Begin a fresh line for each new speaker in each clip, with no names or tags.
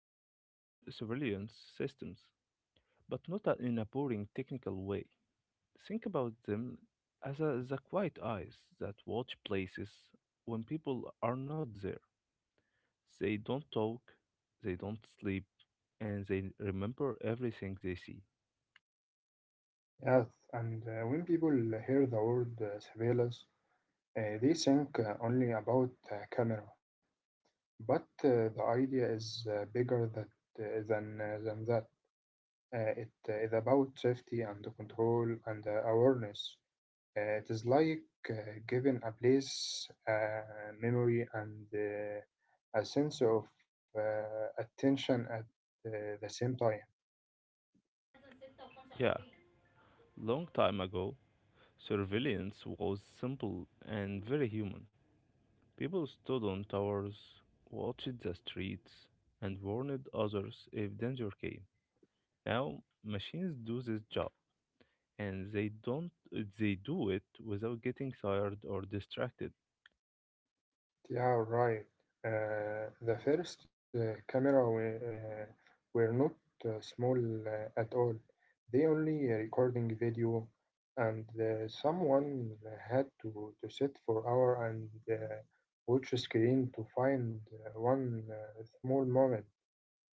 talk about surveillance systems, but not a- in a boring technical way. Think about them as the quiet eyes that watch places when people are not there. They don't talk, they don't sleep, and they remember everything they see.
Yes, and when people hear the word surveillance, they think only about camera, but the idea is bigger that, than that. It is about safety and control and awareness. It is like uh, giving a place memory and a sense of uh, attention at the same time.
Yeah, long time ago, surveillance was simple and very human. People stood on towers, watched the streets, and warned others if danger came. Now machines do this job, and they do it without getting tired or distracted.
Yeah, right. The first camera were not small at all. They only recording video, and someone had to sit for hour and watch a screen to find one small moment.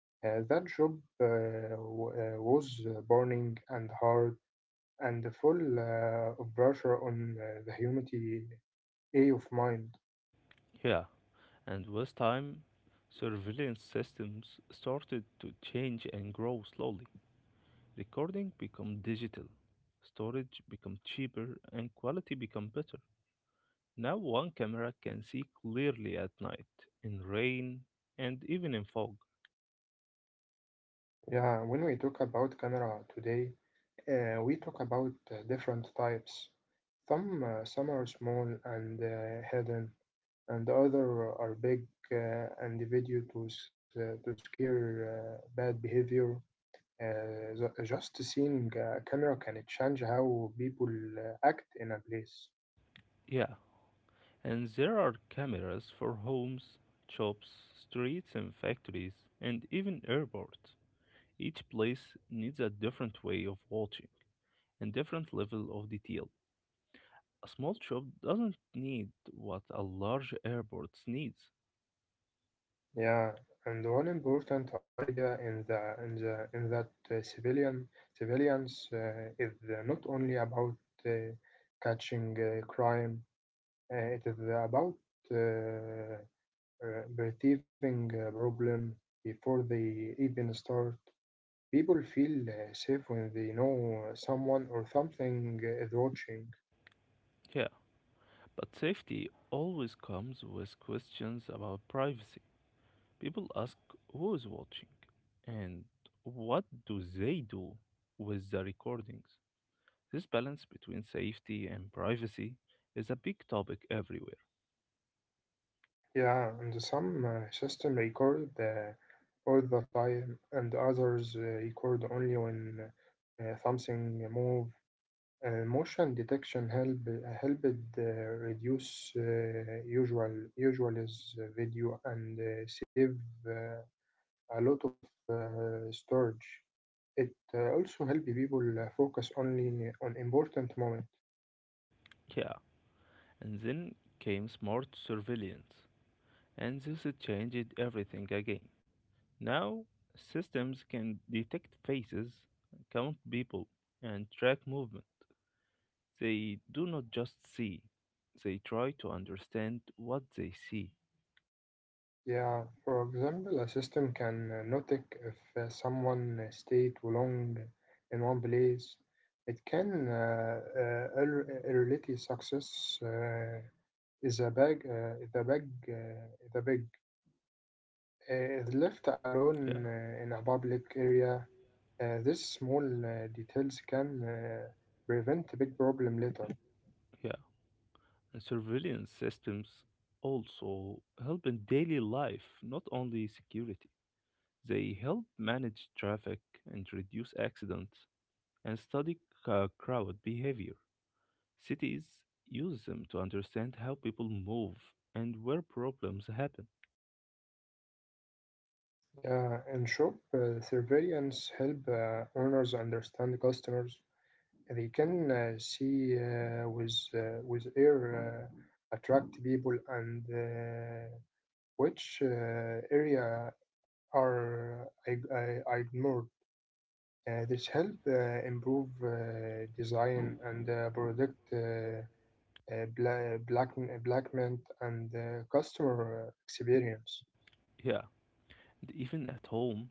That job was burning and hard and full of pressure on the humanity A of mind.
Yeah, and with time, surveillance systems started to change and grow slowly. Recording became digital, storage became cheaper, and quality became better. Now one camera can see clearly at night, in rain, and even in fog.
Yeah, when we talk about camera today, we talk about different types. Some are small and hidden, and other are big and video to scare bad behavior. Just seeing a camera can change how people act in a place.
Yeah, and there are cameras for homes, shops, streets, and factories, and even airports. Each place needs a different way of watching and different level of detail. A small shop doesn't need what a large airport needs.
Yeah, and one important idea in that civilians is not only about uh, catching crime, it is about uh, perceiving a problem before they even start. People feel safe when they know someone or something is watching.
Yeah, but safety always comes with questions about privacy. People ask who is watching and what do they do with the recordings. This balance between safety and privacy is a big topic everywhere.
Yeah, and some system record all the time, and others record only when something move. Motion detection helped uh, reduce usual is video and save uh, a lot of storage. It also help people focus only on important moment.
Yeah, and then came smart surveillance, and this changed everything again. Now, systems can detect faces, count people, and track movement. They do not just see, they try to understand what they see.
Yeah, for example, a system can notice if someone stay too long in one place. It can early success is a bag, is a bag, is a big is left
Yeah,
alone in a public area. These small details can prevent a big problem later.
yeah. And surveillance systems also help in daily life, not only security. They help manage traffic and reduce accidents and study crowd behavior. Cities use them to understand how people move and where problems happen.
Yeah, and shop surveillance help owners understand customers. They can see with with air, attract people, and which area are ignored. This help improve design and predict blackment and customer experience.
Yeah, and even at home,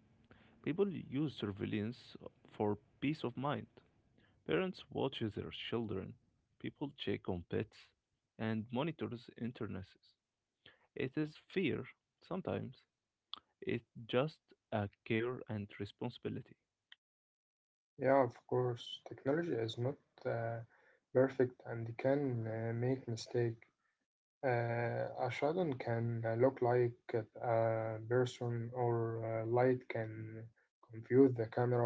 people use surveillance for peace of mind. Parents watch their children, people check on pets, and monitors internesses. It is fear, sometimes, it's just a care and responsibility.
Yeah, of course, technology is not uh, perfect and can make mistakes. A shadow can look like a person or light can confuse the camera.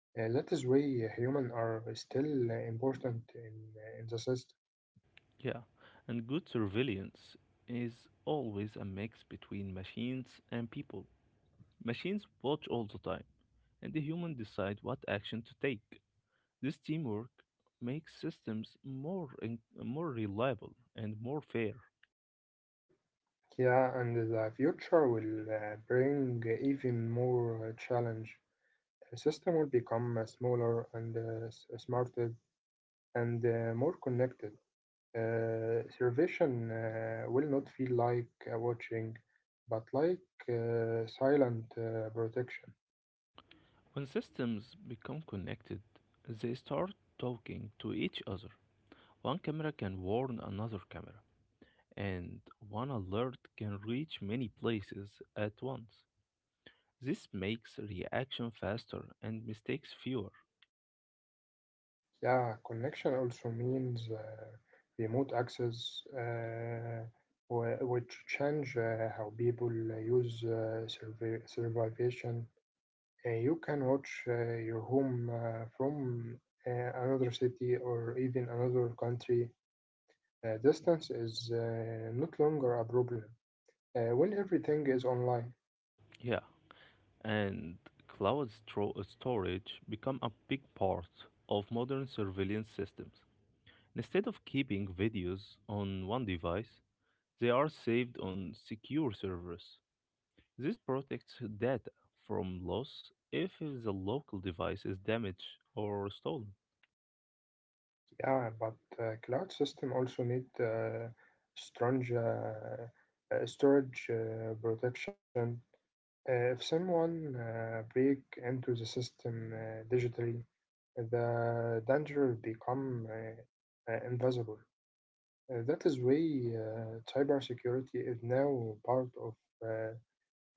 That is why humans are still important in the system.
Yeah, and good surveillance is always a mix between machines and people. Machines watch all the time, and the human decide what action to take. This teamwork makes systems more reliable and more fair.
Yeah, and the future will bring even more challenge. The system will become smaller and smarter and more connected. Servation will not feel like watching, but like silent protection.
When systems become connected, they start talking to each other. One camera can warn another camera, and one alert can reach many places at once. This makes reaction faster and mistakes fewer.
Yeah, connection also means remote access, which change how people use survivation. You can watch your home from uh, another city or even another country. Distance is not longer a problem when everything is online.
Yeah, and cloud storage become a big part of modern surveillance systems. Instead of keeping videos on one device, they are saved on secure servers. This protects data from loss if the local device is damaged or stolen.
Yeah, but cloud system also need strong storage protection. If someone break into the system digitally, the danger become invisible. That is why cybersecurity is now part of uh,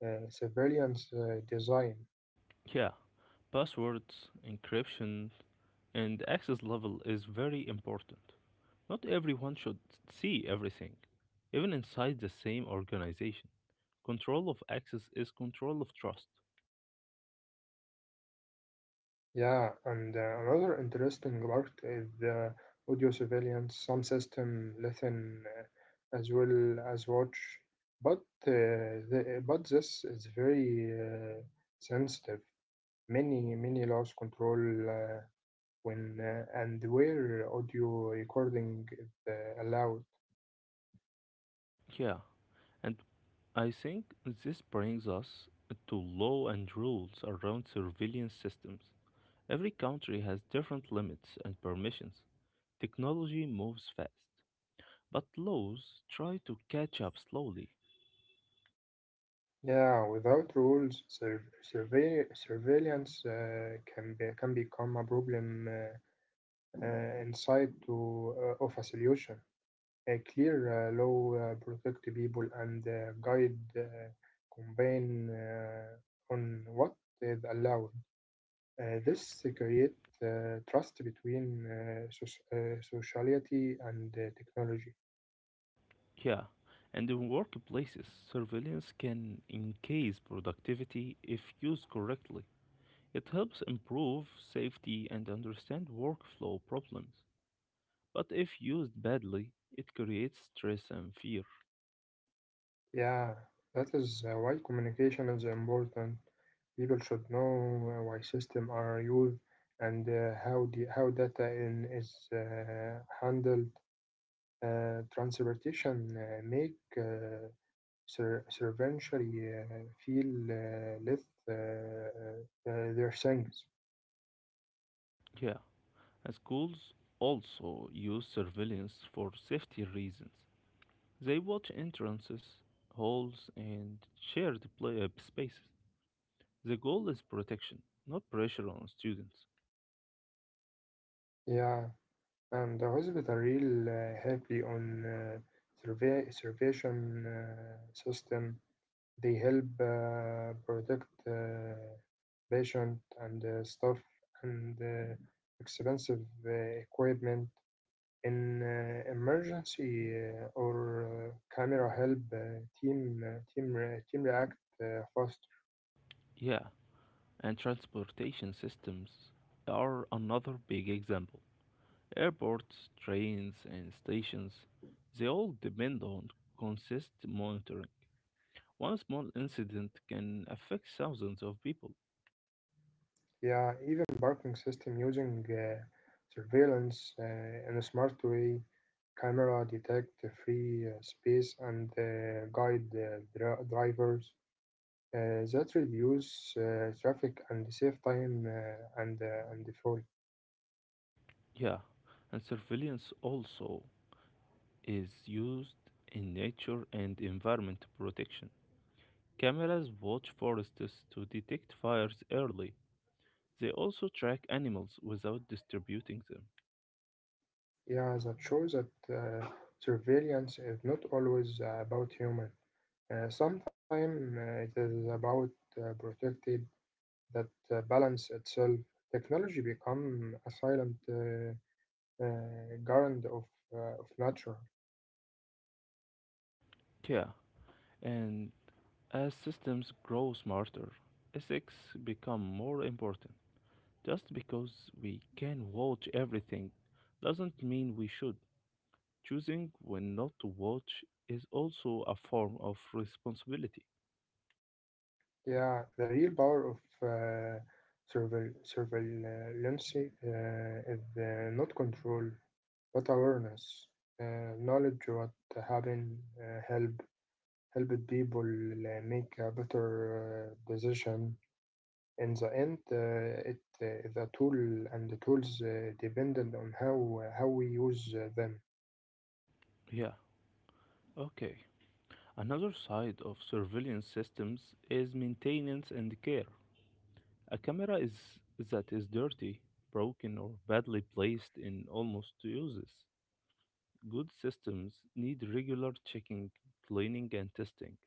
surveillance design.
Yeah, passwords, encryption, and access level is very important. Not everyone should see everything, even inside the same organization. Control of access is control of trust.
Yeah, and another interesting part is the audio surveillance. Some system listen as well as watch, but but this is very sensitive. Many laws control uh, when and where audio recording is allowed.
Yeah, and I think this brings us to law and rules around surveillance systems. Every country has different limits and permissions. Technology moves fast, but laws try to catch up slowly.
Yeah, without rules, surveillance can be can become a problem inside to of a solution. Clear law, protect people, and guide campaign on what is allowed. This create trust between sociality and technology.
Yeah, and in workplaces, surveillance can increase productivity if used correctly. It helps improve safety and understand workflow problems. But if used badly, it creates stress and fear.
Yeah, that is why communication is important. People should know why systems are used and how how data is handled. Transportation make Sir Sir eventually feel left their things.
Yeah, and schools also use surveillance for safety reasons. They watch entrances, halls, and shared play spaces. The goal is protection, not pressure on students.
Yeah, and the hospital real heavily on survey surveillance system. They help protect patient and stuff and expensive equipment. In emergency or camera help team react fast.
Yeah, and transportation systems are another big example. Airports, trains, and stations, they all depend on consistent monitoring. One small incident can affect thousands of people.
Yeah, even parking system using surveillance in a smart way, camera detect the free space and guide the drivers. That reduce traffic and save time and fuel.
Yeah, and surveillance also is used in nature and environment protection. Cameras watch forests to detect fires early. They also track animals without distributing them.
Yeah, that shows that surveillance is not always about human. Sometimes it is about protected that balance itself technology become a silent garant of nature.
Yeah, and as systems grow smarter, ethics become more important. Just because we can watch everything doesn't mean we should. Choosing when not to watch is also a form of responsibility.
Yeah, the real power of uh, surveillance is not control, but awareness, knowledge what happened, helped people make a better decision. In the end, it is a tool, and the tools dependent on how we use them.
Yeah, okay. Another side of surveillance systems is maintenance and care. A camera is that is dirty, broken, or badly placed in almost useless. Good systems need regular checking, cleaning, and testing.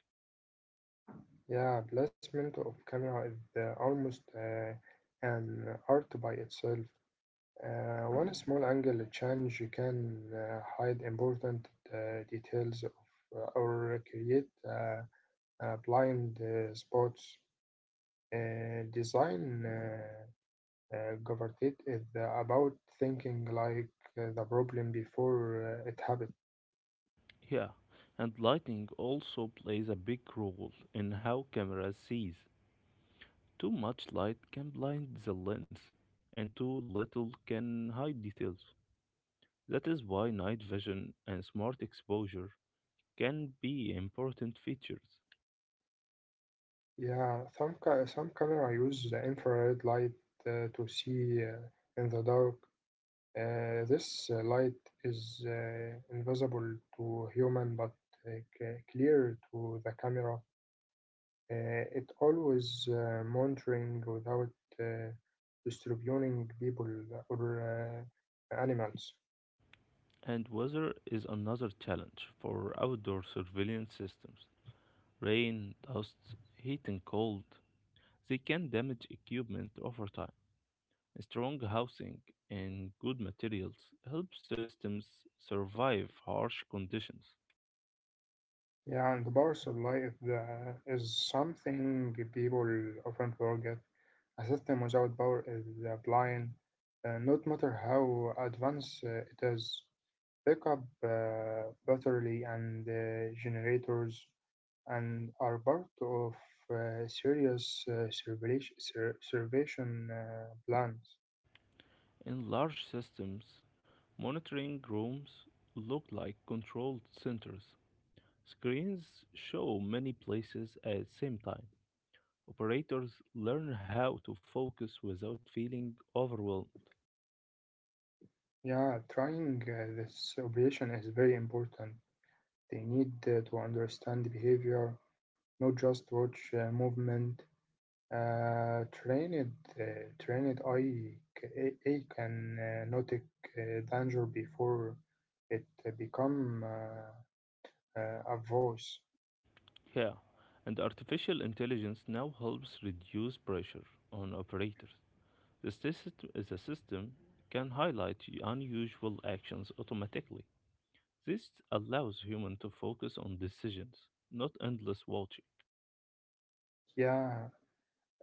Yeah, placement of camera is almost an art by itself. One small angle change can hide important details or create blind spots. Design governed is about thinking like the problem before it happens.
Yeah, and lighting also plays a big role in how cameras sees. Too much light can blind the lens, and too little can hide details. That is why night vision and smart exposure can be important features.
Yeah, some camera use the infrared light to see in the dark. This light is invisible to human but uh, clear to the camera. It always monitoring without uh, distributing people or animals.
And weather is another challenge for outdoor surveillance systems. Rain, dust, heat, and cold, they can damage equipment over time. Strong housing and good materials help systems survive harsh conditions.
Yeah, and the parcel light is something people often forget. A system without power is blind, not matter how advanced it is. Pick up battery and generators and are part of serious surveillation plans.
In large systems, monitoring rooms look like controlled centers. Screens show many places at the same time. Operators learn how to focus without feeling overwhelmed.
Yeah, trying this operation is very important. They need to understand behavior, not just watch movement. Uh, trained, uh, Trained eye can notice danger before it become a voice.
Yeah, and artificial intelligence now helps reduce pressure on operators. The system can highlight unusual actions automatically. This allows humans to focus on decisions, not endless watching.
Yeah,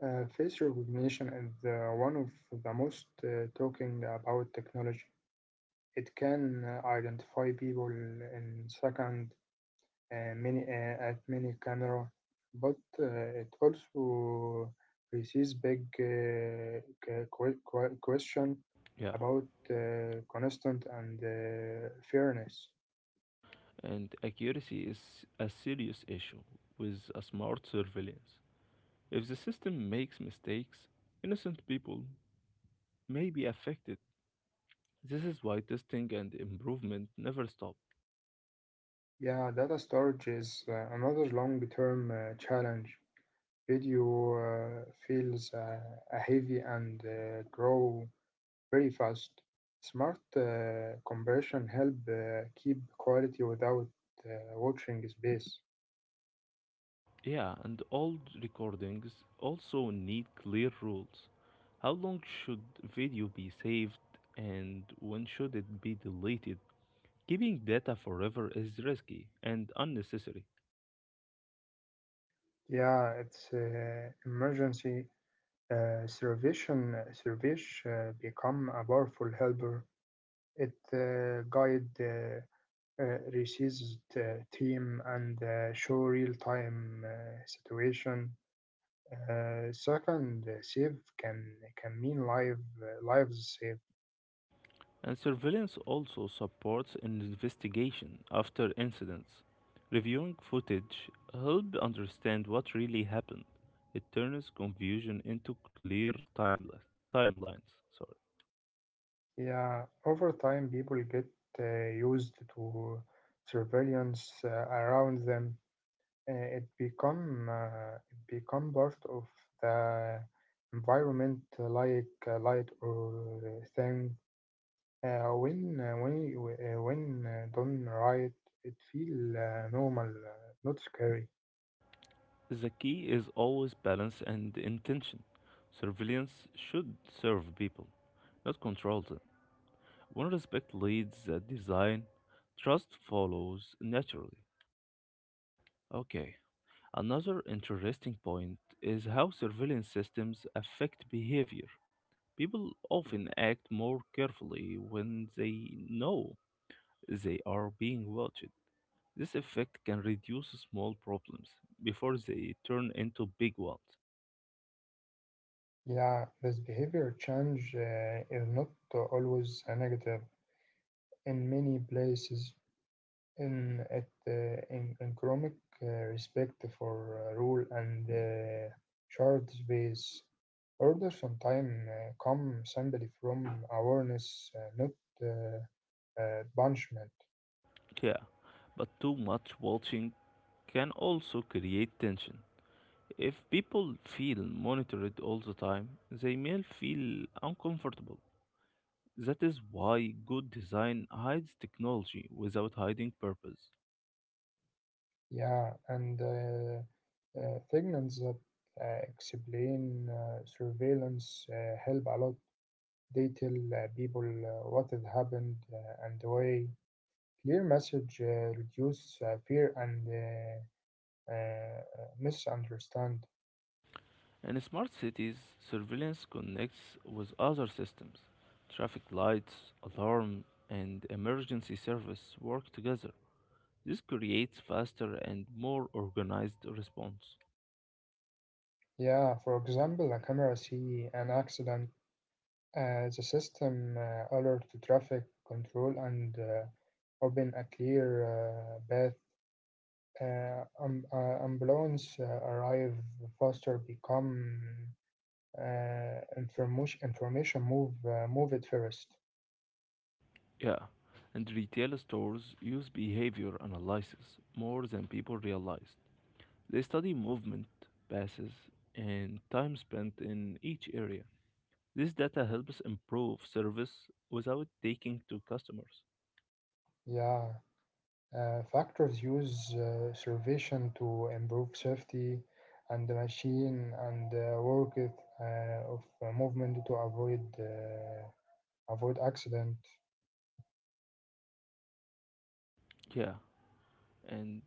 face recognition is one of the most talking about technology. It can identify people in second many at many camera, but it also raises big question
Yeah,
about constant and fairness.
and accuracy is a serious issue with a smart surveillance. If the system makes mistakes, innocent people may be affected. This is why testing and improvement never stop.
Yeah, data storage is another long-term challenge. Video feels heavy and grow very fast. Smart compression help keep quality without watching space.
Yeah, and old recordings also need clear rules. How long should video be saved and when should it be deleted? Keeping data forever is risky and unnecessary.
Yeah, it's emergency servition service become a powerful helper. It guide resist team and show real time situation. Second, save can mean life lives saved.
And surveillance also supports an investigation after incidents. Reviewing footage helps understand what really happened. It turns confusion into clear timeless timelines. Sorry.
Yeah, over time, people get used to surveillance around them. Uh, it become uh, it become part of the environment, like light or thing. When done right, it feel normal, not scary.
The key is always balance and intention. Surveillance should serve people, not control them. When respect leads the design, trust follows naturally. Okay. Another interesting point is how surveillance systems affect behavior. People often act more carefully when they know they are being watched. This effect can reduce small problems before they turn into big ones.
Yeah, this behavior change is not always a negative. In many places, in it uh, in economic respect for rule and short space, order sometimes come simply from awareness, not punishment.
Yeah, but too much watching can also create tension. If people feel monitored all the time, they may feel uncomfortable. That is why good design hides technology without hiding purpose.
Yeah, and things that explain surveillance help a lot. They tell people what has happened and why. Clear message reduce fear and uh, misunderstand.
In smart cities, surveillance connects with other systems. Traffic lights, alarm, and emergency service work together. This creates faster and more organized response.
Yeah, for example, a camera see an accident, the system alert to traffic control and open a clear path. Ambulance arrive faster become information move move it first.
Yeah, and retail stores use behavior analysis more than people realized. They study movement, passes, and time spent in each area. This data helps improve service without taking to customers.
Yeah. Factors use servation to improve safety and the machine and the work it, of movement to avoid avoid accident.
Yeah, and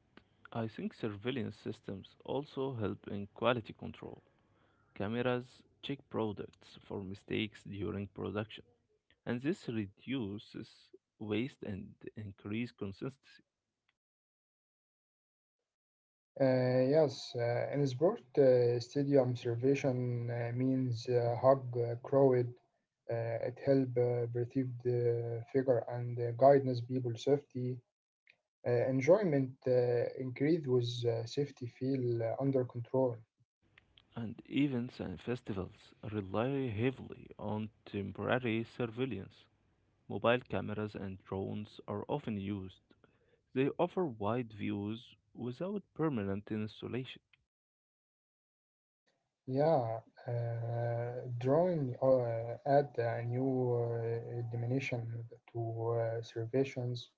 I think surveillance systems also help in quality control. Cameras check products for mistakes during production, and this reduces waste and increase consistency.
Yes, in sport stadium servation means hug crowd. It help perceive the figure and guidance people safety. Enjoyment increase with safety feel under control.
And events and festivals rely heavily on temporary surveillance. Mobile cameras and drones are often used. They offer wide views without permanent installation.
Yeah, drawing add a new dimension to observations.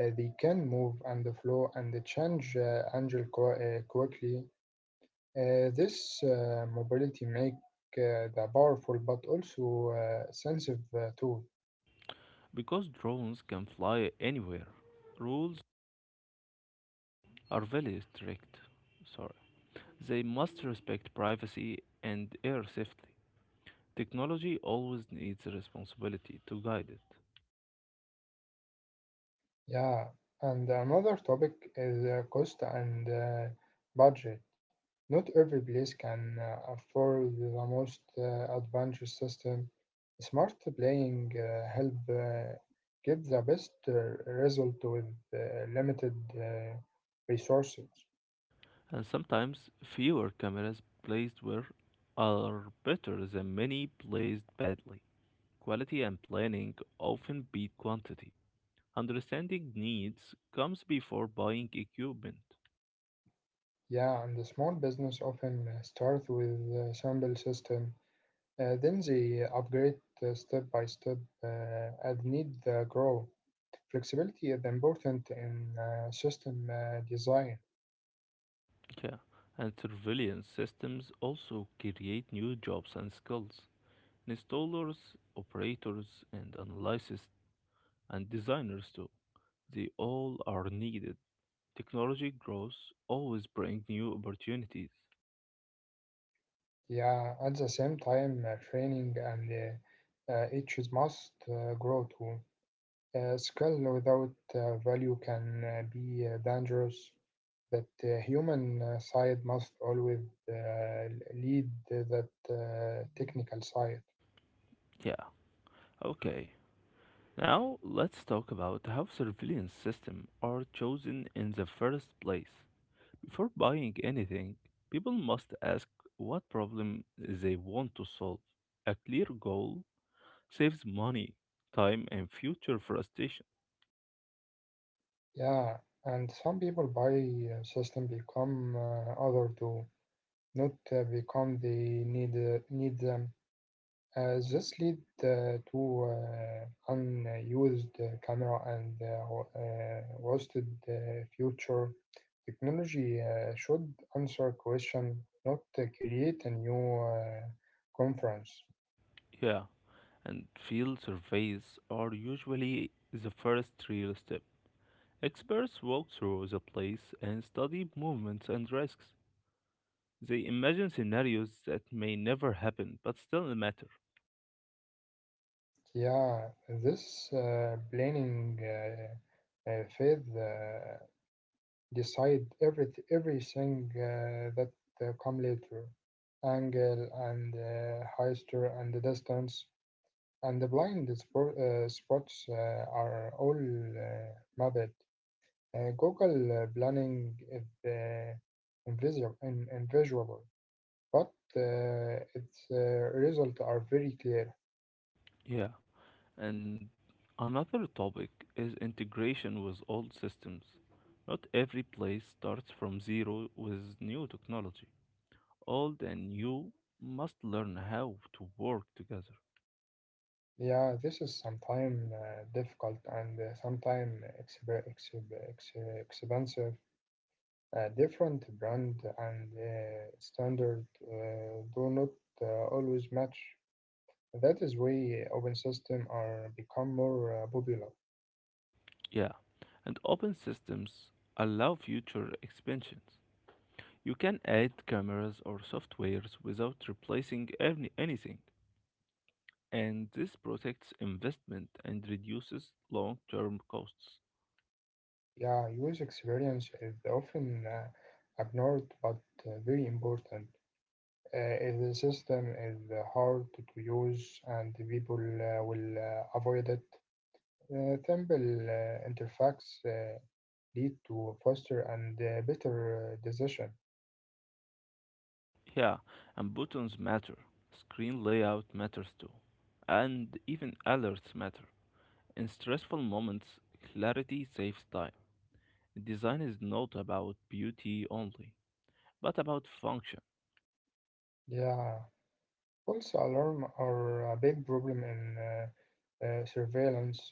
They can move and flow and change angle quickly. This mobility make the powerful but also sensitive tool.
Because drones can fly anywhere, rules are very strict. Sorry. They must respect privacy and air safety. Technology always needs responsibility to guide it.
Yeah, and another topic is cost and budget. Not every place can afford the most advanced system. Smart playing help get the best result with uh, limited resources.
And sometimes fewer cameras placed where are better than many placed badly. Quality and planning often beat quantity. Understanding needs comes before buying equipment.
Yeah, and the small business often start with a simple system. Then they upgrade step by step and need the grow. Flexibility is important in system design.
Yeah, and surveillance systems also create new jobs and skills. Installers, operators, and analysts, and designers too. They all are needed. Technology growth always brings new opportunities.
Yeah, at the same time, training and each must grow too. Skill without value can be dangerous. That human side must always lead that technical side.
Yeah, okay. Now, let's talk about how surveillance systems are chosen in the first place. Before buying anything, people must ask what problem they want to solve. A clear goal saves money, time, and future frustration.
Yeah, and some people buy system become other too, not become they need them. This lead to unused camera and wasted future. Technology should answer question, not create a new conference.
Yeah, and field surveys are usually the first real step. Experts walk through the place and study movements and risks. They imagine scenarios that may never happen but still matter.
Yeah, this planning phase. Decide everything that come later angle and heister and the distance and the blind spots are all mapped. Google planning is invisible, but its results are very clear.
Yeah. And another topic is integration with old systems. Not every place starts from zero with new technology. Old and new must learn how to work together.
Yeah, this is sometimes difficult and sometimes expensive. Different brand and standard do not always match. That is why open system are become more popular.
Yeah, and open systems allow future expansions. You can add cameras or softwares without replacing anything, and this protects investment and reduces long term costs.
Yeah, user experience is often ignored but very important. If the system is hard to use and the people will avoid it. Simple interface lead to faster and better decision.
Yeah, and buttons matter. Screen layout matters too. And even alerts matter. In stressful moments, clarity saves time. Design is not about beauty only, but about function.
Yeah. False alarm are a big problem in surveillance.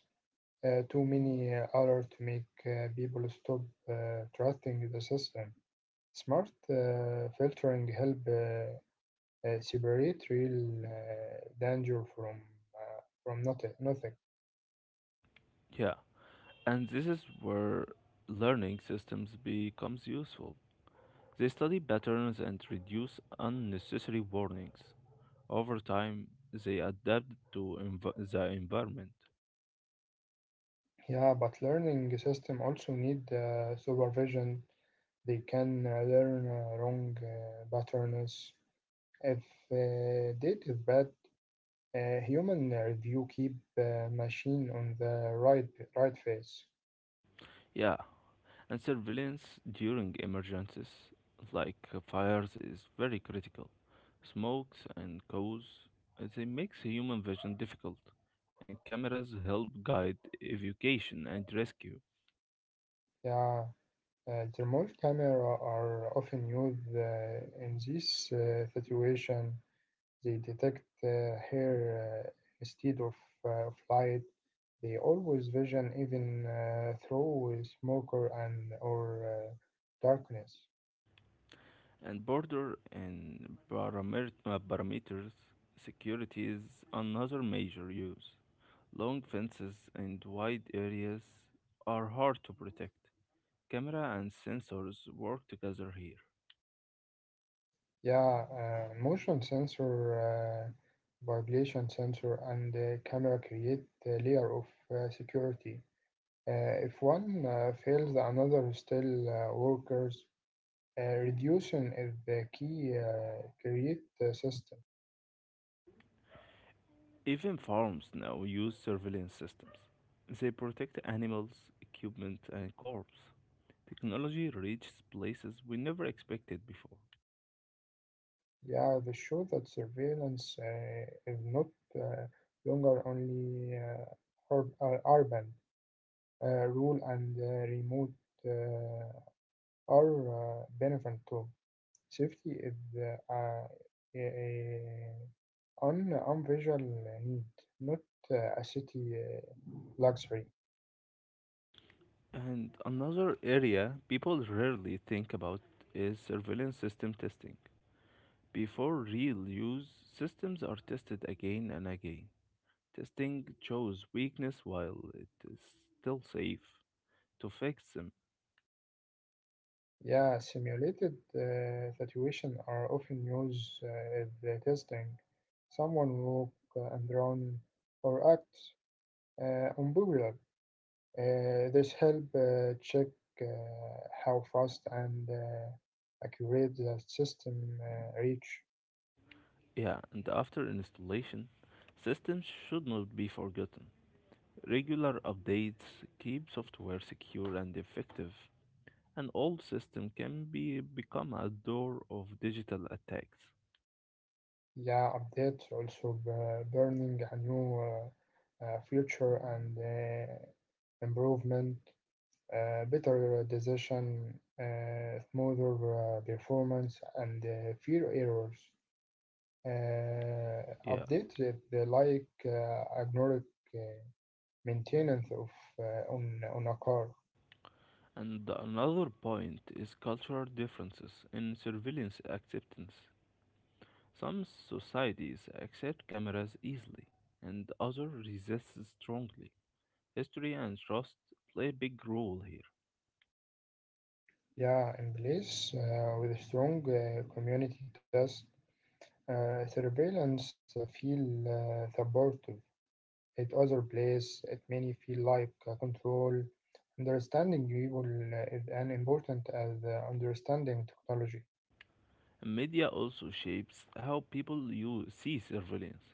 Too many alert make people stop trusting the system. Smart filtering help separate real danger uh, from nothing.
Yeah, and this is where learning systems becomes useful. They study patterns and reduce unnecessary warnings. Over time, they adapt to the environment.
Yeah, but learning system also need supervision. They can learn wrong patterns. If data is bad, a human review keep machine on the right face.
Yeah, and surveillance during emergencies like fires is very critical. Smokes and cows, they makes human vision difficult, and cameras help guide evacuation and rescue.
Yeah, thermal camera are often used in this situation. They detect hair uh, instead of light. They always vision even through smoke or- and or darkness.
And border and parameters security is another major use. Long fences and wide areas are hard to protect. Camera and sensors work together here.
Yeah, motion sensor, vibration sensor, and camera create a layer of security. If one fails, the another still workers. Reducing is the key. Create the system.
Even farms now use surveillance systems. They protect animals, equipment, and crops. Technology reaches places we never expected before.
Yeah, they show that surveillance is not uh, longer only urban rule and remote uh, are benefit too. Safety is uh, uh, on visual need, not a city luxury.
And another area people rarely think about is surveillance system testing. Before real use, systems are tested again and again. Testing shows weakness while it is still safe to fix them.
Yeah, simulated situation are often used as the testing. Someone walk and run or act unpopular. This help check uh, how fast and accurate the system reach.
Yeah, and after installation, systems should not be forgotten. Regular updates keep software secure and effective, and old systems can be become a door of digital attacks.
Yeah, updates also burning a new future and improvement, better decision, smoother performance, and fewer errors.
Yeah.
Update it like ignore uh, maintenance of on a car.
And another point is cultural differences in surveillance acceptance. Some societies accept cameras easily, and others resist strongly. History and trust play a big role here.
Yeah, in place with a strong community test, surveillance feel supported. At other place, it many feel like control. Understanding people is as important as understanding technology.
Media also shapes how people you see surveillance.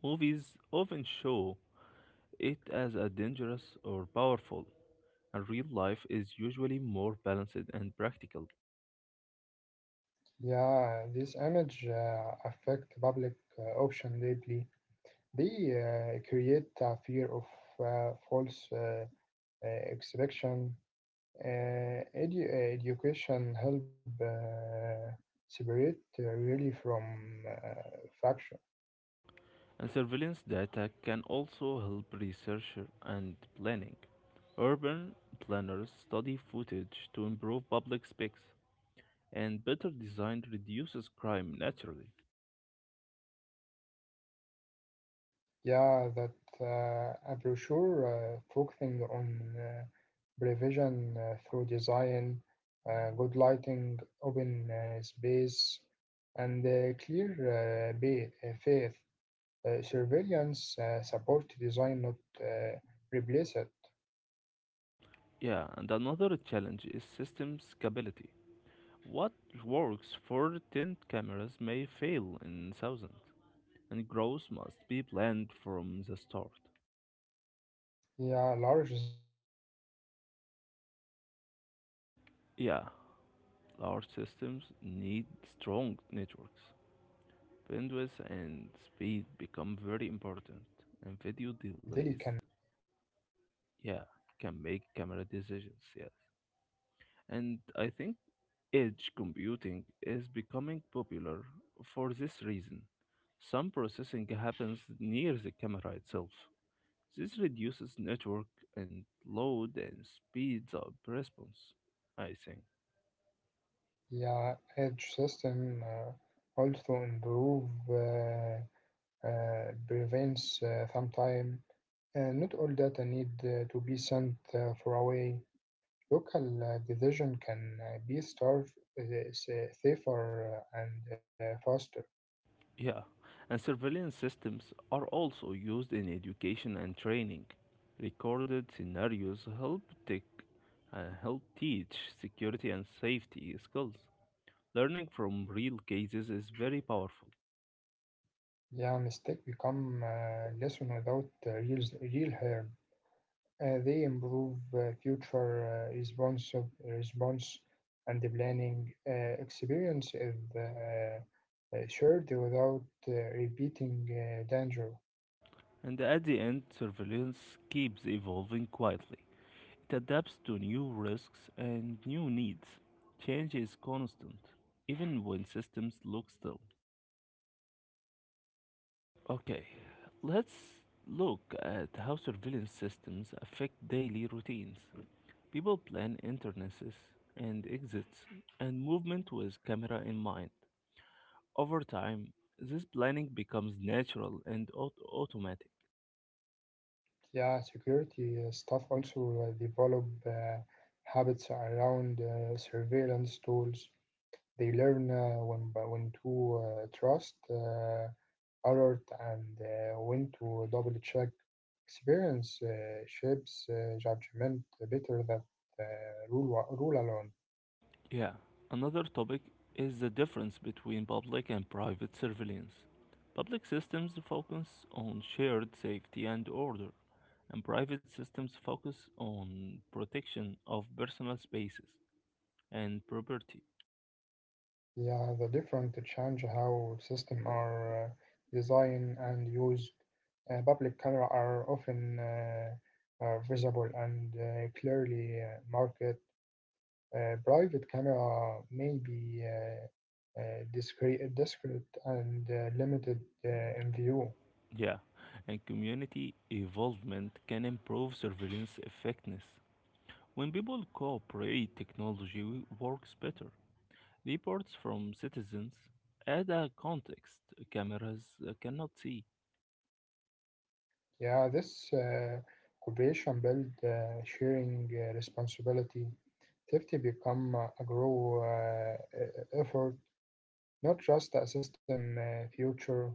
Movies often show it as a dangerous or powerful, and real life is usually more balanced and practical.
Yeah, this image affect public option deeply. They create a fear of false uh, expectation. Education help separate really from uh, faction.
And surveillance data can also help research and planning. Urban planners study footage to improve public speaks, and better design reduces crime naturally.
Yeah, that a brochure focusing on prevention through design, good lighting, open space, and clear faith. Surveillance support design, not uh, replace it.
Yeah, and another challenge is system scalability. What works for 10 cameras may fail in thousands, and growth must be planned from the start.
Yeah, large system need strong network,
Yeah,
bandwidth, and
large
speed
systems
become
need
very
strong
important.
networks.
Video daily
Bandwidth
can
and speed
make a
become very
decision
important,
usual.
and video delays, yeah, can make camera decisions, yes. And I think edge computing is becoming popular for this reason. Some processing happens near the camera itself. This reduces network and load and speeds up response, I think.
Yeah, edge system also improve prevents sometime. Not all data need to be sent far away. Local decision can be starved, uh, safer and faster.
Yeah, and surveillance systems are also used in education and training. Recorded scenarios help help teach security and safety skills. Learning from real cases is very powerful.
Yeah, mistake become lesson without real harm. They improve future responsive response and the planning experience is shared without repeating danger.
And at the end, surveillance keeps evolving quietly. It adapts to new risks and new needs. Change is constant, even when systems look still. Okay, let's look at how surveillance systems affect daily routines. People plan entrances and exits and movement with camera in mind. Over time, this planning becomes natural and automatic.
Yeah, security staff also develop habits around surveillance tools. They learn when to trust alert and when to double check. Experience shapes judgment better than uh, rule alone.
Yeah, another topic is the difference between public and private surveillance. Public systems focus on shared safety and order, and private systems focus on protection of personal spaces and property.
Yeah, the different to change how systems are designed and used. Public camera are often visible and clearly marked. Private camera may be discreet and limited in view.
Yeah, and community involvement can improve surveillance effectiveness. When people cooperate, technology works better. Reports from citizens add a context cameras cannot see.
Yeah, this cooperation build sharing responsibility. Safety become a grow effort, not just a system future.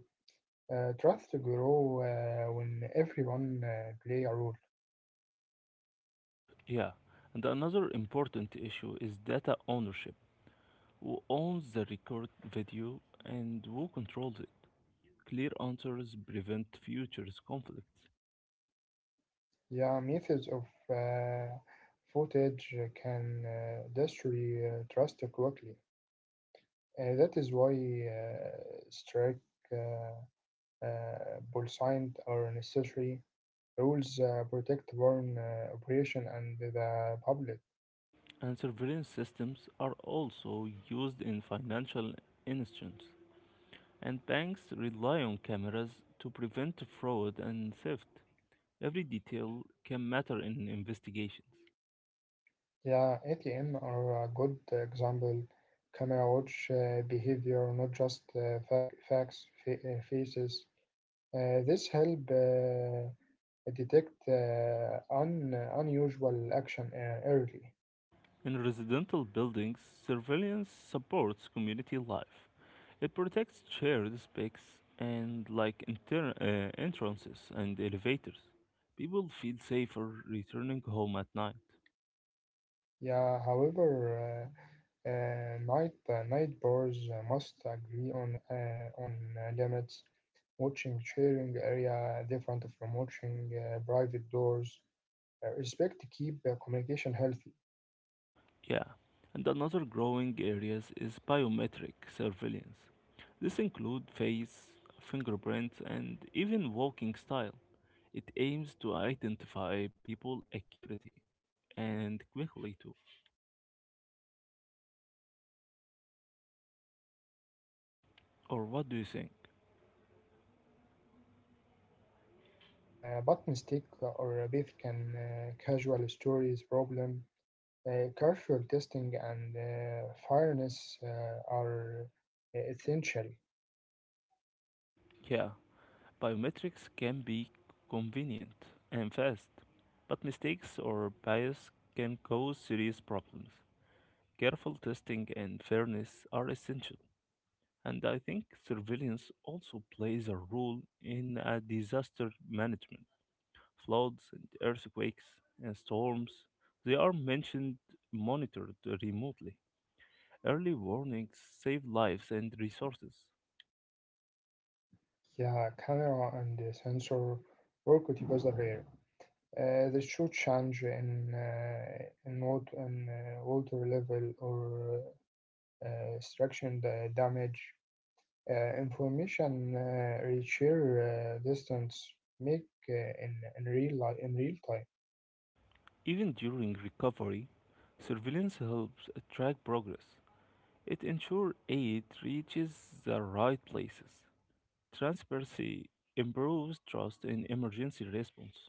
Trust to grow when everyone play a role.
Yeah, and another important issue is data ownership. Who owns the record video and who controls it? Clear answers prevent future conflicts.
Yeah, methods of uh, footage can destroy trust quickly. That is why uh, strict uh, bull signs are necessary. Rules protect foreign operation and the public.
And surveillance systems are also used in financial institutions, and banks rely on cameras to prevent fraud and theft. Every detail can matter in investigations.
Yeah, ATM are a good example. Camera watch behavior, not just faces. This help detect un unusual action early.
In residential buildings, surveillance supports community life. It protects shared spaces and like entrances and elevators. People feel safer returning home at night.
Yeah, however, night bars must agree on limits. Watching sharing area different from watching private doors. Respect to keep communication healthy.
Yeah, and another growing areas is biometric surveillance. This includes face, fingerprint, and even walking style. It aims to identify people accurately and quickly too.
Yeah, biometric can be
Or
conversion
what do
and
you think?
fast, but mistake or breath can casual stories problem. Careful testing and fairness are essential.
Yeah, biometrics can be convenient and fast, but mistakes or bias can cause serious problems. Careful testing and fairness are essential. And I think surveillance also plays a role in disaster management. Floods and earthquakes and storms, they are mentioned monitored remotely. Early warnings save lives and resources.
Yeah, camera and the sensor work together here. They should change in water level or damage. Information reacher distance make in real time.
Even during recovery, surveillance helps track progress. It ensures aid reaches the right places. Transparency improves trust in emergency response.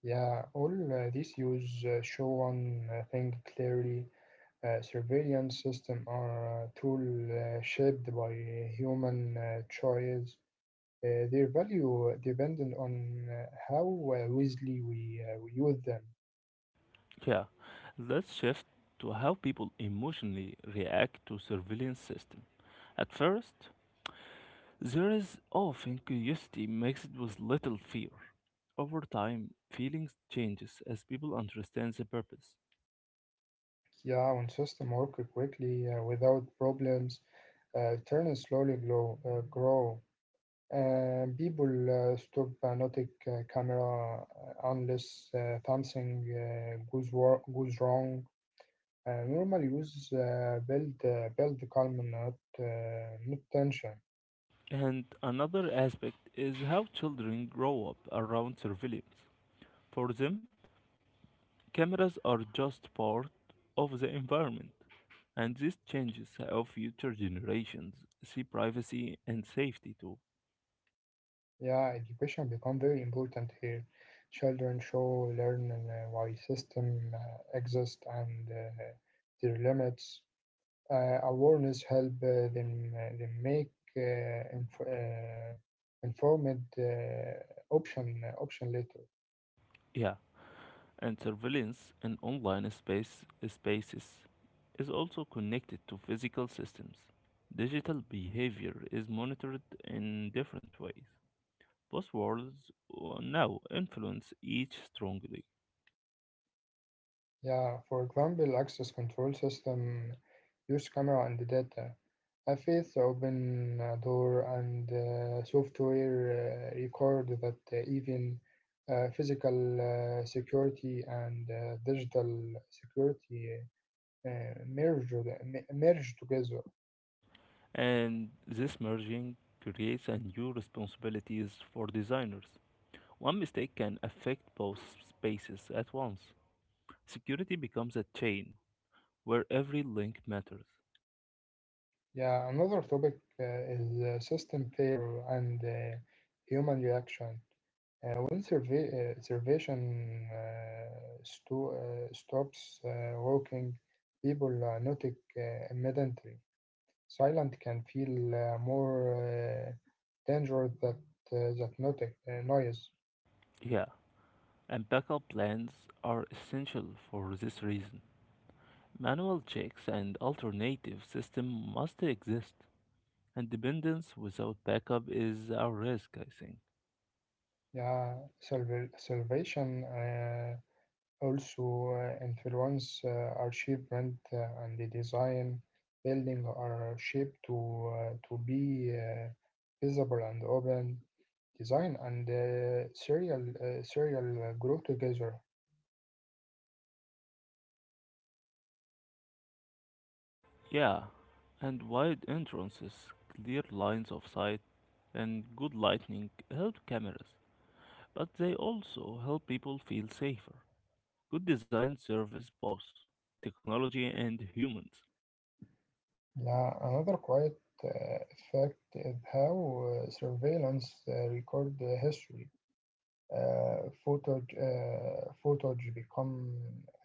Yeah, all these use show one thing clearly. Surveillance systems are a tool shaped by human choice. Their value dependent on how wisely we use them.
Yeah, let's shift to how people emotionally react to surveillance system. At first, there is often curiosity mixed with little fear. Over time, feelings changes as people understand the purpose.
Yeah, when system work quickly without problems, turn slowly grow. People stop notic camera unless something goes wrong. I normally use build calm, not not tension.
And another aspect is how children grow up around surveillance. For them, cameras are just part of the environment, and this changes how future generations see privacy and safety too.
Yeah, education become very important here. Children show learn why system exist and their limits. Awareness help them make informed option later.
Yeah, and surveillance in online spaces is also connected to physical systems. Digital behavior is monitored in different ways. Buzzwords now influence each strongly,
Yeah, for example, access control system use camera and data. A face open a door and software record that even physical security and digital security merge together.
and this merging creates a new responsibilities for designers. One mistake can affect both spaces at once. Security becomes a chain where every link matters.
Yeah, another topic is system failure and human reaction. When stops working, people notice immediately. Silent can feel more dangerous that noise.
Yeah, and backup plans are essential for this reason. Manual checks and alternative system must exist, and dependence without backup is a risk, I think.
Yeah, salvation. Also, influence are shipment and the design building are shaped to be visible and open. Design and serial grow together.
Yeah, and wide entrances, clear lines of sight, and good lighting help cameras, but they also help people feel safer. Good design serves both technology and humans.
Yeah, another quiet uh, effect is how surveillance record history. Photos become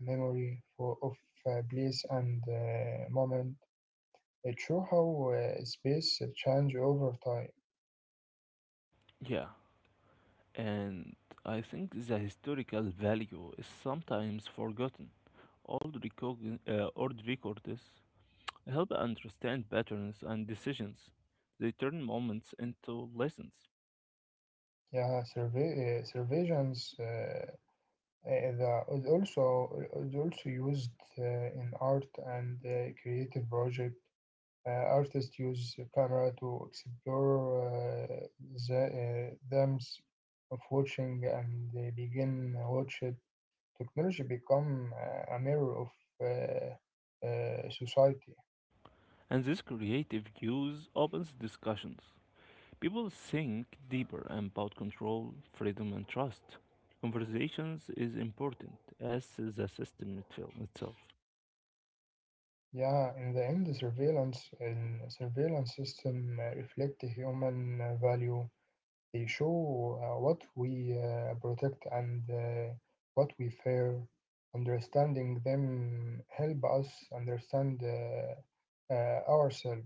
a memory for, of place and moment. It shows how space change over time.
Yeah, and I think the historical value is sometimes forgotten. Old records help understand patterns and decisions. They turn moments into lessons.
Yeah, surveillance is also used uh, in art and creative project. Artists use camera to explore the depths of watching and they begin watch it. Technology become a mirror of society.
And this creative use opens discussions. People think deeper about control, freedom, and trust. Conversations is important as the system itself.
Yeah, in the end, the surveillance and surveillance system reflect the human value. They show what we protect and what we fear. Understanding them help us understand ourselves.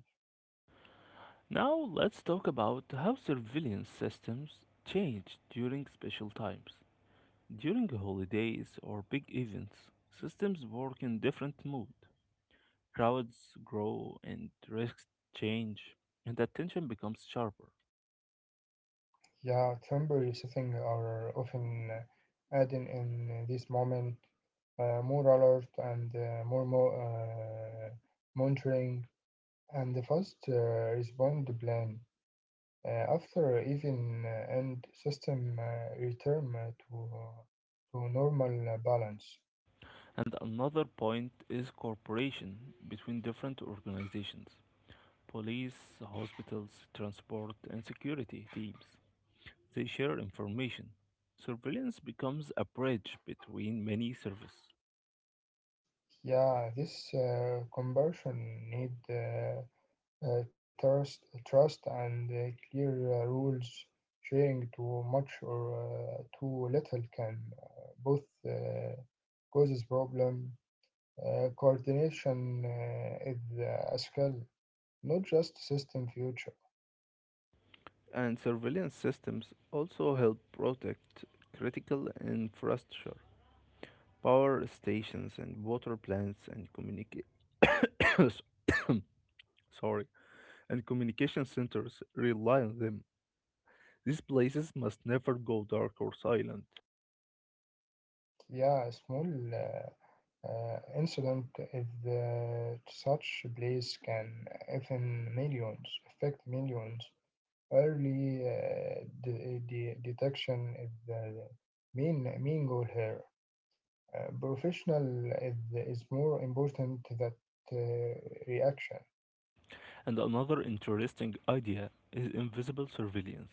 Now let's talk about how surveillance systems change during special times. During holidays or big events, systems work in different mood. Crowds grow and risks change and attention becomes sharper.
Yeah, temporary setting are often adding in this moment more alert and monitoring and the fast respond plan. After even and system return to normal balance.
And another point is cooperation between different organizations. Police, hospitals, transport and security teams. They share information. Surveillance becomes a bridge between many services.
Yeah, this conversion need trust and clear rules. Sharing too much or too little can both uh, causes problem. Coordination is as well, not just system future.
And surveillance systems also help protect critical infrastructure, power stations and water plants and communica- sorry, and communication centers rely on them. These places must never go dark or silent.
Yeah, small. Uh, Incident if such place can even millions affect millions. Early detection is the main goal here. Professional is more important than uh, reaction.
And another interesting idea is invisible surveillance.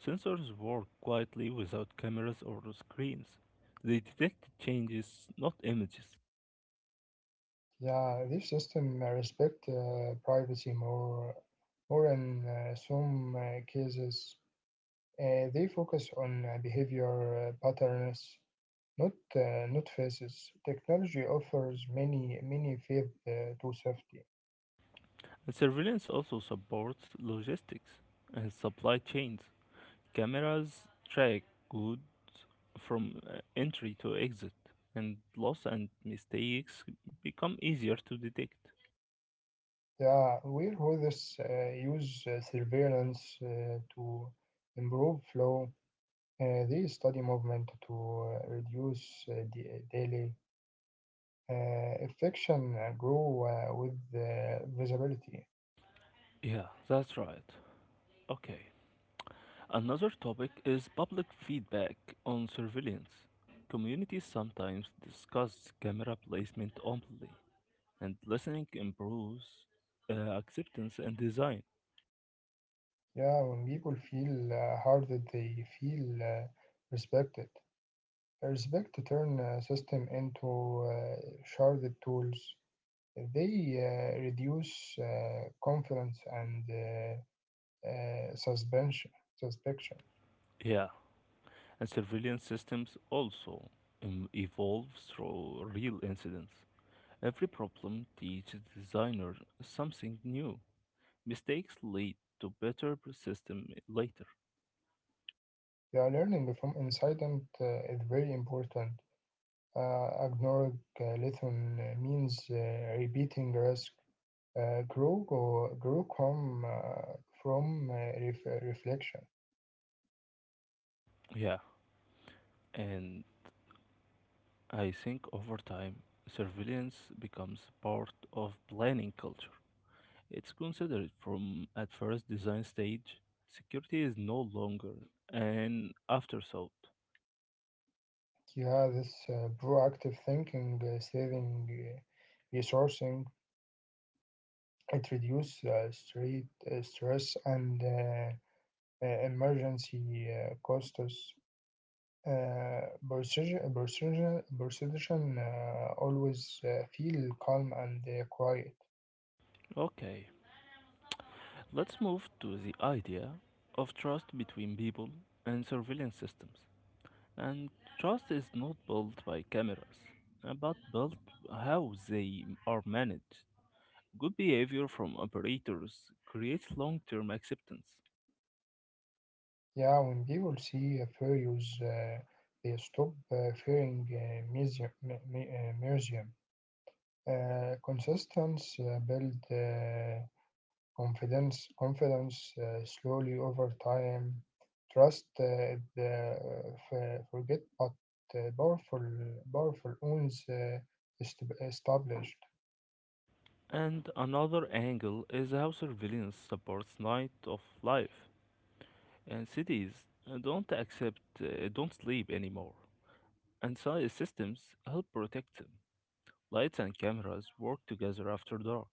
Sensors work quietly without cameras or screens. They detect changes, not images.
Yeah, this system respect privacy more in some cases. They focus on behavior patterns. Not not faces. Technology offers many faith to safety.
And surveillance also supports logistics and supply chains. Cameras track goods from entry to exit, and loss and mistakes become easier to detect.
Yeah, warehouses use surveillance to improve flow. They study movement to reduce delay. Infection grow with visibility.
Yeah, that's right. Okay. Another topic is public feedback on surveillance. Communities sometimes discuss camera placement openly, and listening improves acceptance and design.
Yeah, when people feel hard, that they feel respected. Respect to turn system into sharded tools. They reduce confidence and uh, suspension, suspicion.
Yeah, and surveillance systems also evolve through real incidents. Every problem teaches designers something new. Mistakes lead to better system later.
They are learning from incident is very important. Ignoring lesson means repeating risk. Grow come from reflection.
Yeah, and I think over time, surveillance becomes part of planning culture. It's considered from at first design stage. Security is no longer an afterthought.
Yeah, this proactive thinking, saving, resourcing, it reduces street, stress and emergency costs, uh, procedure always feel calm and quiet.
Okay, let's move to the idea of trust between people and surveillance systems. And trust is not built by cameras, but built how they are managed. Good behavior from operators creates long term acceptance.
Yeah, when people see a furious, they stop fearing museum. Consistence build confidence slowly over time trust the forget but uh, powerful powerful owns est- established
And another angle is how surveillance supports night of life. And cities don't sleep anymore. And so systems help protect them. Lights and cameras work together after dark.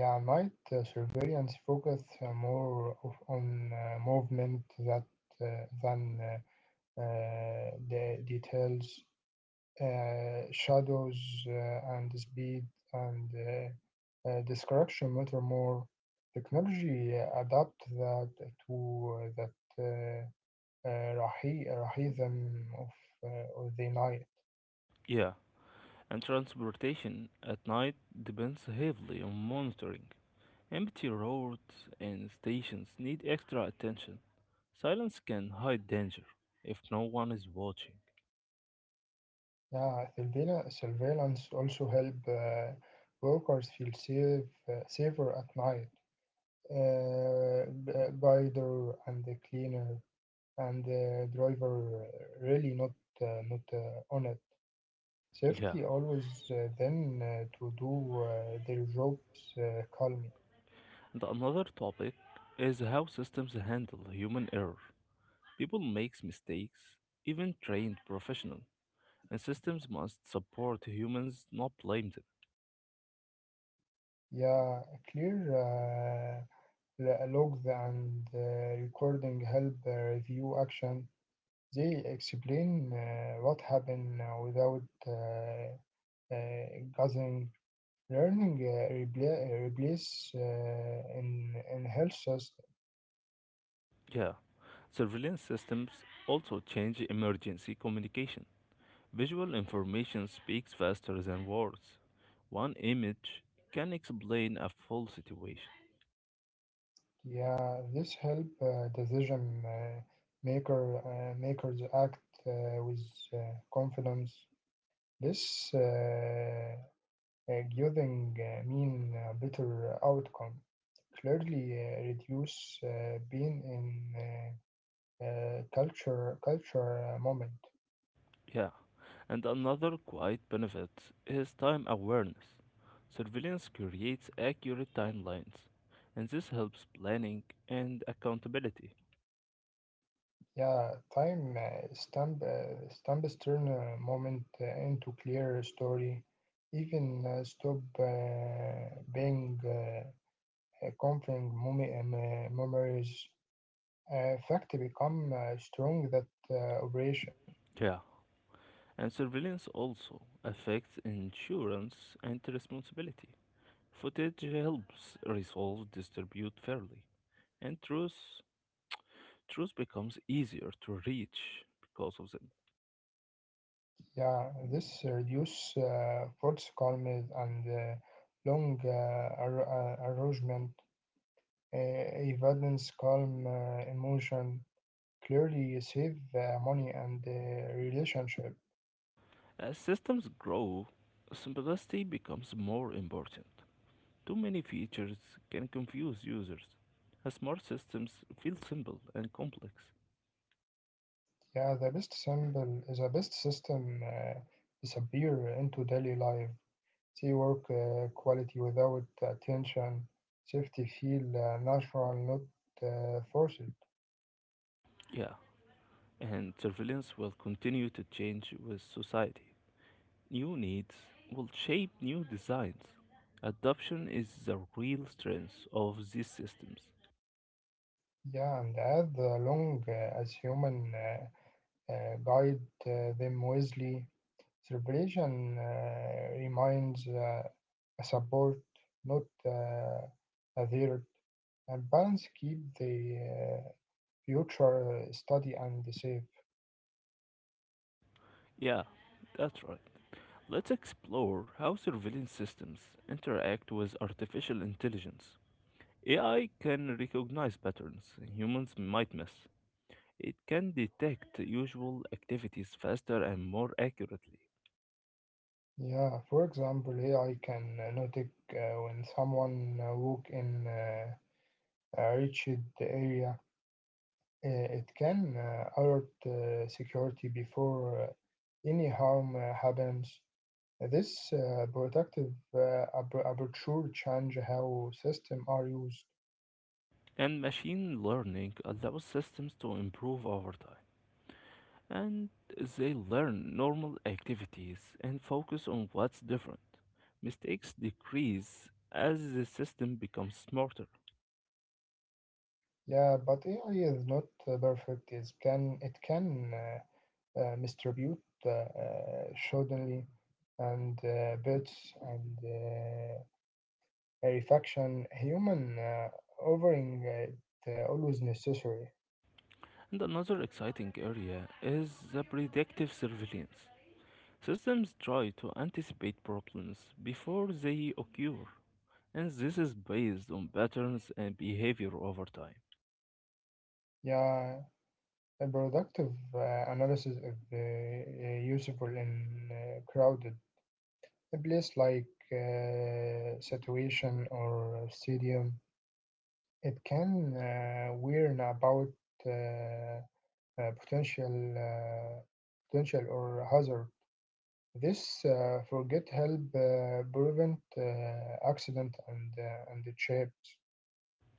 yeah might surveillance focus more of, on movement that than the details shadows and speed and description matter more. Technology adapt that to that rahism of the night.
Yeah, and transportation at night depends heavily on monitoring. Empty roads and stations need extra attention. Silence can hide danger if no one is watching.
Yeah, surveillance also help workers feel safe, safer at night. Guider and the cleaner and the driver really not not honest.
Yeah,
Safety always then to do their jobs calmly.
and another topic is how systems handle human error. People makes mistakes, even trained professionals, and systems must support humans, not blame them.
Yeah, clear logs and recording help review action. They explain what happened without guessing. Learning replace in health system.
Yeah, surveillance systems also change emergency communication. Visual information speaks faster than words. One image can explain a full situation.
Yeah, this help decision maker makers act with uh, confidence. This giving mean a better outcome. Clearly, reduce being in culture moment.
Yeah, and another quiet benefit is time awareness. Surveillance creates accurate timelines, and this helps planning and accountability.
Yeah, time stamp stamp stern moment into clear story. Even stop being. Conflict memories fact become strong that operation.
Yeah, and surveillance also affects insurance and responsibility. Footage helps resolve dispute fairly, and truth becomes easier to reach because of them.
Yeah, this reduce force calmness and long arrangement, evidence calm emotion, clearly save money and relationship.
As systems grow, simplicity becomes more important. Too many features can confuse users. As smart systems feel simple and complex.
Yeah, the best symbol, the best system disappear into daily life. They work quality without attention. Safety feel natural, not forced.
Yeah, and surveillance will continue to change with society. New needs will shape new designs. Adoption is the real strength of these systems.
Yeah, and as the long as human guide them wisely, celebration reminds a support, not a threat. And balance keep the future study and safe.
Yeah, that's right. Let's explore how surveillance systems interact with artificial intelligence. AI can recognize patterns humans might miss. It can detect usual activities faster and more accurately.
Yeah, for example, here I can notice when someone walk in a reached area, it can alert security before any harm happens. This protective aperture change how system are used.
And machine learning allows systems to improve over time. And they learn normal activities and focus on what's different. Mistakes decrease as the system becomes smarter.
Yeah, but AI is not perfect. It can distribute suddenly and bits and a reflection, human offering it always necessary.
And another exciting area is the predictive surveillance. Systems try to anticipate problems before they occur, and this is based on patterns and behavior over time.
Yeah, a productive analysis is useful in crowded a place like situation or stadium. It can warn about uh, uh, potential uh, potential or hazard. This forget help prevent accident and the shape.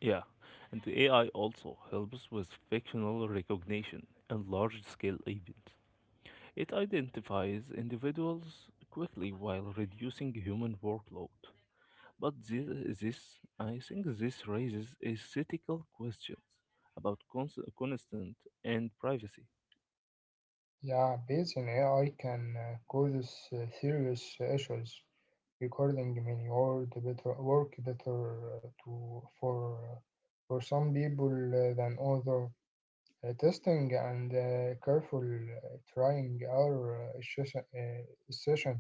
Yeah, and the AI also helps with fictional recognition in large scale events. It identifies individuals quickly while reducing human workload. But I think this raises ethical questions about consent and privacy.
Yeah, based on AI can cause serious issues, recording many or the better work better to for some people than other. Testing and careful trying are essential.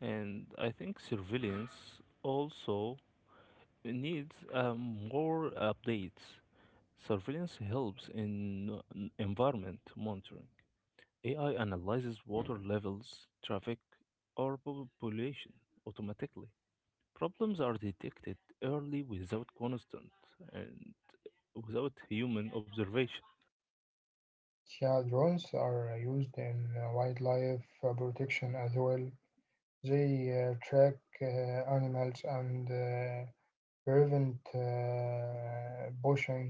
And I think surveillance also needs more updates. Surveillance helps in environment monitoring. AI analyzes water levels, traffic, or population automatically. Problems are detected early without constant and without human observation.
Yeah, drones are used in wildlife protection as well. They track animals and prevent poaching.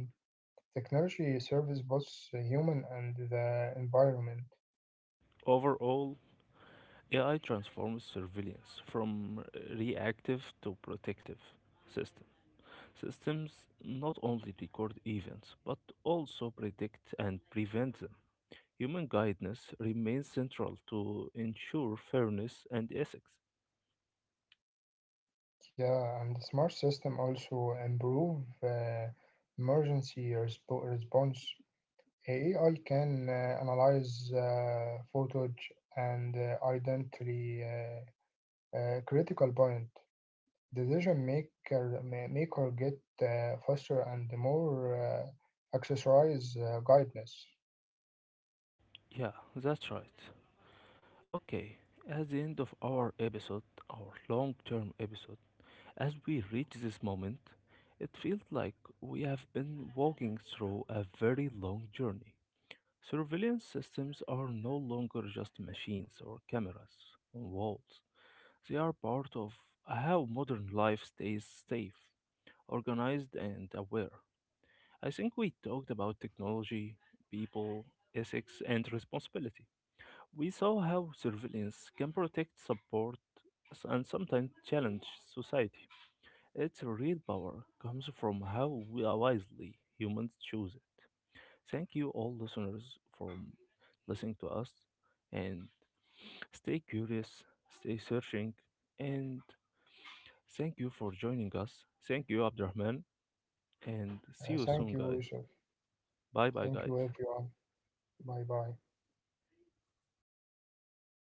Technology serves both the human and the environment.
Overall, AI transforms surveillance from reactive to protective system. Systems not only record events but also predict and prevent them. Human guidance remains central to ensure fairness and ethics.
Yeah, and the smart system also improve emergency response. AI can analyze footage and identity critical point. Decision maker get faster and more accessorize guidance.
Yeah, that's right. Okay, at the end of our episode, our long term episode, as we reach this moment, it feels like we have been walking through a very long journey. Surveillance systems are no longer just machines or cameras on walls. They are part of how modern life stays safe, organized, and aware. I think we talked about technology, people, ethics, and responsibility. We saw how surveillance can protect, support, and sometimes challenge society. Its real power comes from how wisely humans choose it. Thank you, all listeners, for listening to us. And stay curious, stay searching, and thank you for joining us. Thank you, Abdurrahman, and see you soon,
Thank you,
guys.
Yusuf.
Bye bye,
Thank you,
guys.
everyone. Bye bye.